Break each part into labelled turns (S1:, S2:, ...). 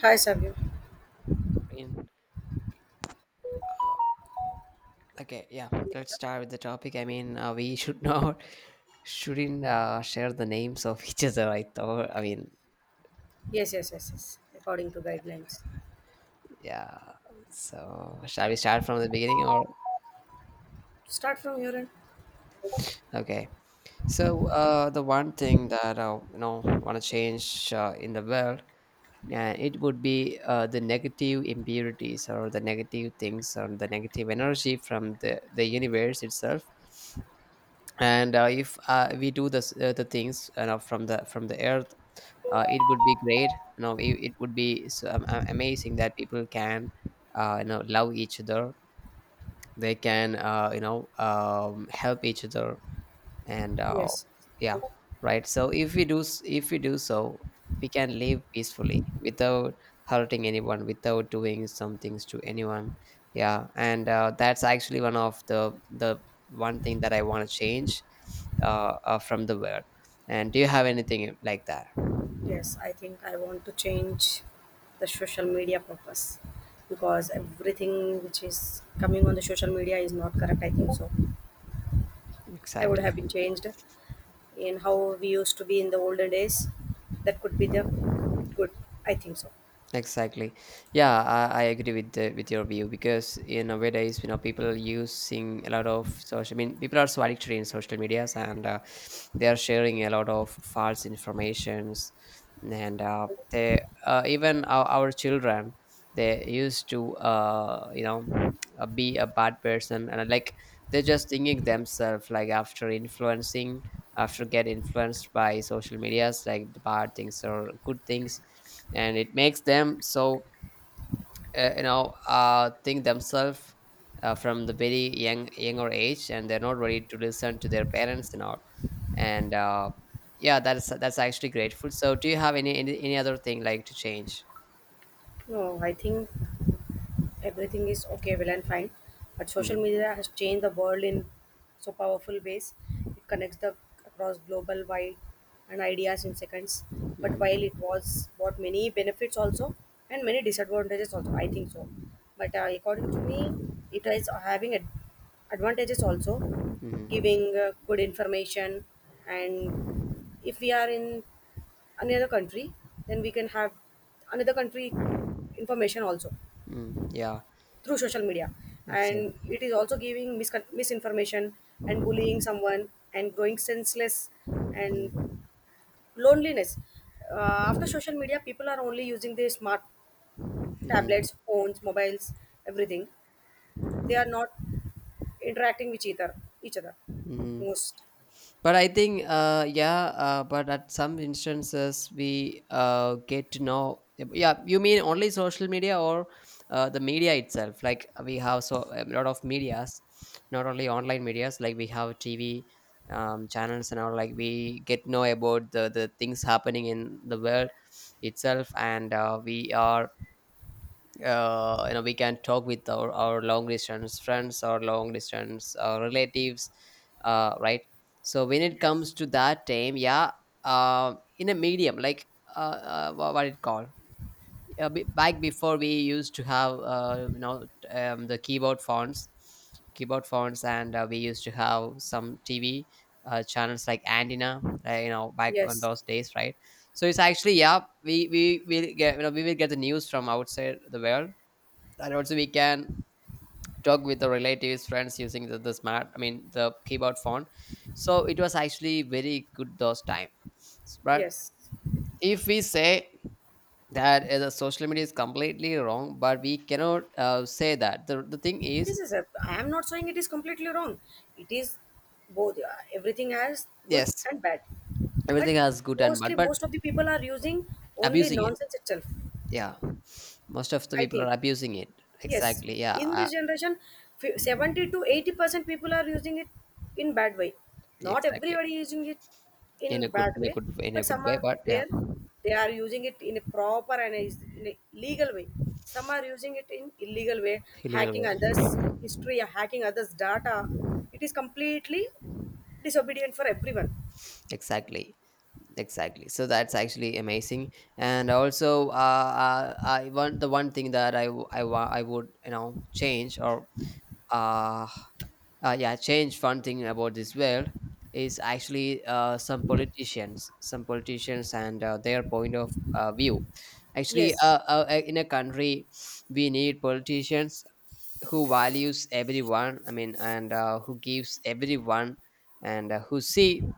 S1: Hi, Sabir.
S2: Mean, okay, yeah. Let's start with the topic. I mean, we should not shouldn't share the names of each other. I thought. I mean,
S1: Yes, yes, yes, yes. According to guidelines.
S2: yeah. So shall we start from the beginning or
S1: Start from your end.
S2: okay? So the one thing that I want to change in the world, yeah, it would be the negative impurities or the negative things or the negative energy from the universe itself. And if we do this, the things from the earth it would be great it would be so amazing that people can love each other. They can help each other, and
S1: Yes,
S2: yeah. Right, so if we do so we can live peacefully without hurting anyone, without doing some things to anyone, yeah, and that's actually one of the one thing that I want to change from the world. And do you have anything like that?
S1: yes. I think I want to change the social media purpose because everything which is coming on the social media is not correct. I think so. I would
S2: Exactly.
S1: have been changed in how we used to be in the olden days. That could be the good. I think so.
S2: Exactly. Yeah, I agree with with your view because nowadays people using a lot of social. I mean, people are so addicted in social medias, and they are sharing a lot of false informations, and they even our children, they used to be a bad person, and like they're just thinking themselves like after influencing after get influenced by social medias, like the bad things or good things, and it makes them so think themselves from the very younger age, and they're not ready to listen to their parents and all, and yeah. That's actually grateful. So do you have any other thing like to change?
S1: No, I think everything is okay, well and fine. But social
S2: Mhm.
S1: media has changed the world in so powerful ways. It connects the across global wide and ideas in seconds. But while it
S2: Mhm.
S1: was brought many benefits also and many disadvantages also, I think so. But according to me, it is having advantages also,
S2: Mhm.
S1: giving good information, and if we are in another country, then we can have another country information also
S2: Mm, yeah.
S1: through social media. And
S2: Exactly.
S1: it is also giving misinformation and bullying someone and growing senseless and
S2: Mm-hmm.
S1: loneliness. After social media, people are only using their smart
S2: Mm-hmm.
S1: tablets, phones, mobiles, everything. They are not interacting with each other
S2: Mhm.
S1: most.
S2: But I think, yeah, but at some instances we get to know. Yeah, you mean only social media or the media itself? Like we have so a lot of medias, not only online medias. Like we have TV channels and all. Like we get to know about the things happening in the world itself, and we are we can talk with our long distance friends or long distance relatives, right? So when it
S1: Yes.
S2: comes to that time, yeah, in a medium like what it called, back before we used to have the keyboard fonts, keyboard fonts and we used to have some tv channels like antenna, back on
S1: Yes,
S2: those days, right? So it's actually, yeah, we will get we will get the news from outside the world, and also we can talk with the relatives, friends, using the smart, I mean the keyboard phone. So it was actually very good those time. But
S1: yes.
S2: if we say that the social media is completely wrong, but we cannot say that the thing is,
S1: This is a. I am not saying it is completely wrong. It is both. Everything has good
S2: yes,
S1: and bad. But
S2: everything has good and
S1: mostly
S2: bad but
S1: most of the people are using only
S2: abusing it,
S1: nonsense itself.
S2: yeah, most of the
S1: I
S2: people
S1: think,
S2: are abusing it,
S1: yes,
S2: exactly, yeah,
S1: in this generation, 70 to 80% people are using it in bad way. Not
S2: exactly,
S1: everybody is using it in
S2: in a good,
S1: bad way,
S2: in a
S1: but
S2: good
S1: some
S2: way,
S1: are
S2: but yeah,
S1: there. They are using it in a proper and in a legal way. Some are using it in illegal way,
S2: illegal
S1: hacking
S2: way,
S1: others history, hacking others data. It is completely disobedient for everyone.
S2: exactly. Exactly, so that's actually amazing. And also I want the one thing that I w- I wa- I would change or uh, yeah change one thing about this world is actually, some politicians, some politicians and their point of view. Actually,
S1: Yes,
S2: in a country we need politicians who values everyone, I mean, and who gives everyone, and who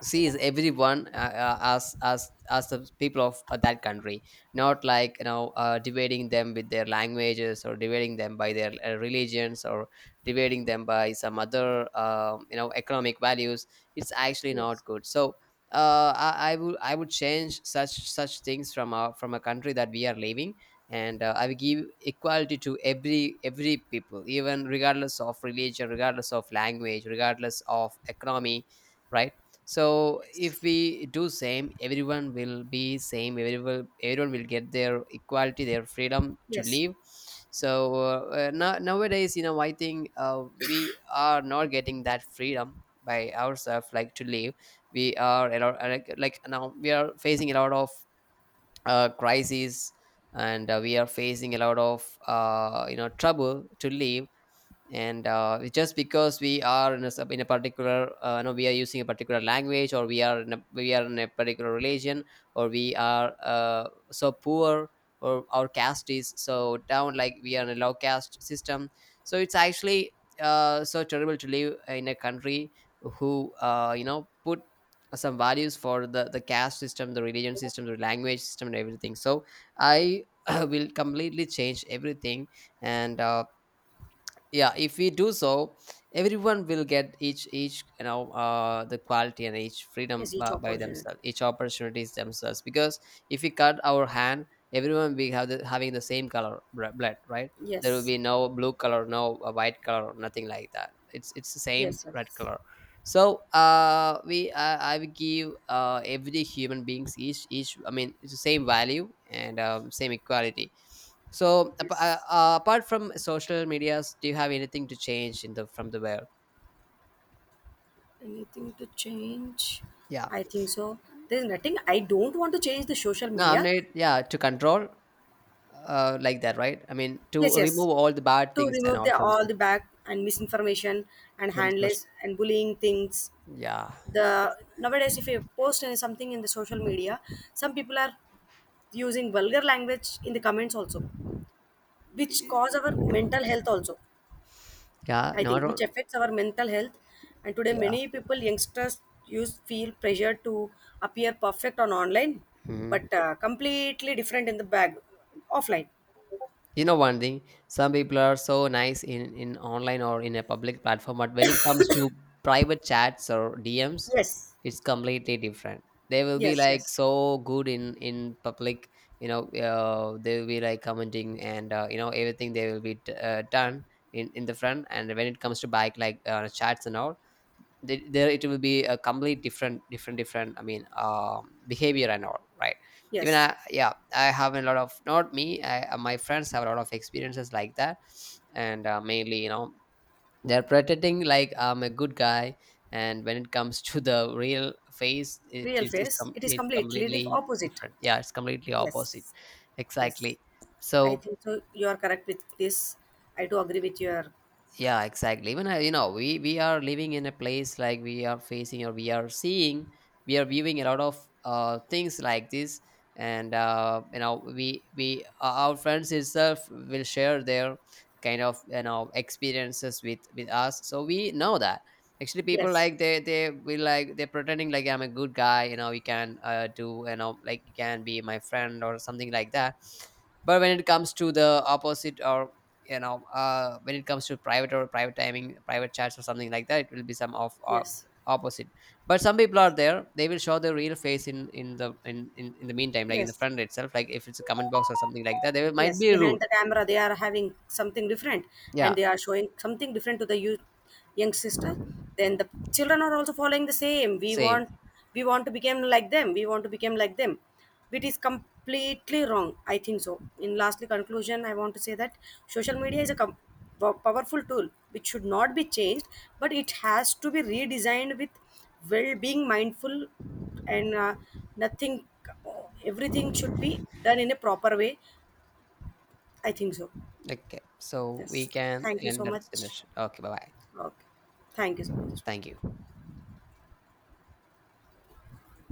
S2: sees everyone as as the people of that country, not like dividing them with their languages or dividing them by their religions, or dividing them by some other economic values. It's actually
S1: yes,
S2: not good. So I would, I would change such things from our, from a country that we are living, and I will give equality to every people, even regardless of religion, regardless of language, regardless of economy, right? So
S1: yes.
S2: if we do same, everyone will be same, everyone, everyone will get their equality, their freedom to
S1: Yes.
S2: live. So nowadays I think we are not getting that freedom by ourselves like to live. We are like now we are facing a lot of crises, and we are facing a lot of trouble to live, and it's just because we are in in a particular no, we are using a particular language, or we are in we are in a particular religion, or we are so poor, or our caste is so down, like we are in a low caste system. So it's actually so terrible to live in a country who put some values for the caste system, the religion system, the language system, and everything. So I will completely change everything, and yeah, if we do so, everyone will get each the quality and each freedom
S1: Yes, each
S2: by
S1: opportunity.
S2: themselves, each opportunities themselves, because if we cut our hand, everyone will have having the same color blood, right? There will
S1: Yes.
S2: be no blue color, no white color, nothing like that. It's the same
S1: Yes,
S2: red
S1: yes.
S2: color. So we I will give every human beings each, I mean, it's the same value and same equality. So
S1: Yes.
S2: apart from social medias, do you have anything to change in the from the where?
S1: Anything to change?
S2: Yeah.
S1: I think so. There's nothing. I don't want to change the social
S2: No, I'm
S1: media.
S2: not. Yeah, to control, like that, right? I mean, to
S1: Yes, yes.
S2: remove all the bad
S1: To
S2: things and
S1: remove
S2: all
S1: the all the bad and misinformation and
S2: from
S1: handless
S2: social.
S1: and bullying things.
S2: Yeah.
S1: The nowadays, if you post something in the social media, some people are using vulgar language in the comments also, which cause our mental health also.
S2: Yeah.
S1: I
S2: No, I
S1: think, which
S2: don't.
S1: affects our mental health. And today,
S2: Yeah.
S1: many people, youngsters, use feel pressure to appear perfect on online,
S2: Mhm.
S1: but completely different in the bag offline.
S2: You know one thing, some people are so nice in online or in a public platform, but when it comes to private chats or DMs,
S1: Yes,
S2: it's completely different. They will be
S1: yes,
S2: like
S1: yes,
S2: so good in public, you know. They will be like commenting and everything they will be done in the front, and when it comes to bike, like chats and all, there it will be a complete different different, I mean, behavior and all, right? Even
S1: yes.
S2: I have a lot of, not me, my friends have a lot of experiences like that, and mainly, you know, they're pretending like I'm a good guy, and when it comes to the real face, it
S1: Real
S2: is,
S1: face, it is
S2: it's
S1: completely the
S2: completely
S1: opposite.
S2: different. Yeah, it's completely opposite,
S1: Yes, yes.
S2: exactly,
S1: I
S2: so
S1: think so. You are correct with this. I do agree with your.
S2: yeah, exactly. Even I, you know, we are living in a place like we are facing or we are seeing, we are viewing a lot of things like this, and we our friends itself will share their kind of, you know, experiences with us, so we know that actually people
S1: Yes,
S2: like they will, like they're pretending like I'm a good guy. You know, you can do, you know, like, you can be my friend or something like that, but when it comes to the opposite, or when it comes to private or private timing, private chats or something like that, it will be some of
S1: yes,
S2: opposite. But some people are
S1: yes,
S2: there, they will show their real face in the in the meantime, like in the
S1: yes.
S2: front itself, like if it's a comment box or something like that, they will, might
S1: Yes,
S2: be
S1: behind
S2: rude.
S1: the camera they are having something different, and
S2: Yeah,
S1: they are showing something different to the youth, young sister. Then the children are also following the same. we
S2: same,
S1: want we want to become like them. We want to become like them. It is completely wrong, I think so. In lastly conclusion, I want to say that social media is a powerful tool which should not be changed, but it has to be redesigned with well being mindful. And nothing, everything should be done in a proper way. I think so.
S2: okay, so we
S1: Yes.
S2: can
S1: Thank you so
S2: end up this
S1: much.
S2: discussion. Okay, bye bye.
S1: Okay. Thank you so much.
S2: Thank you.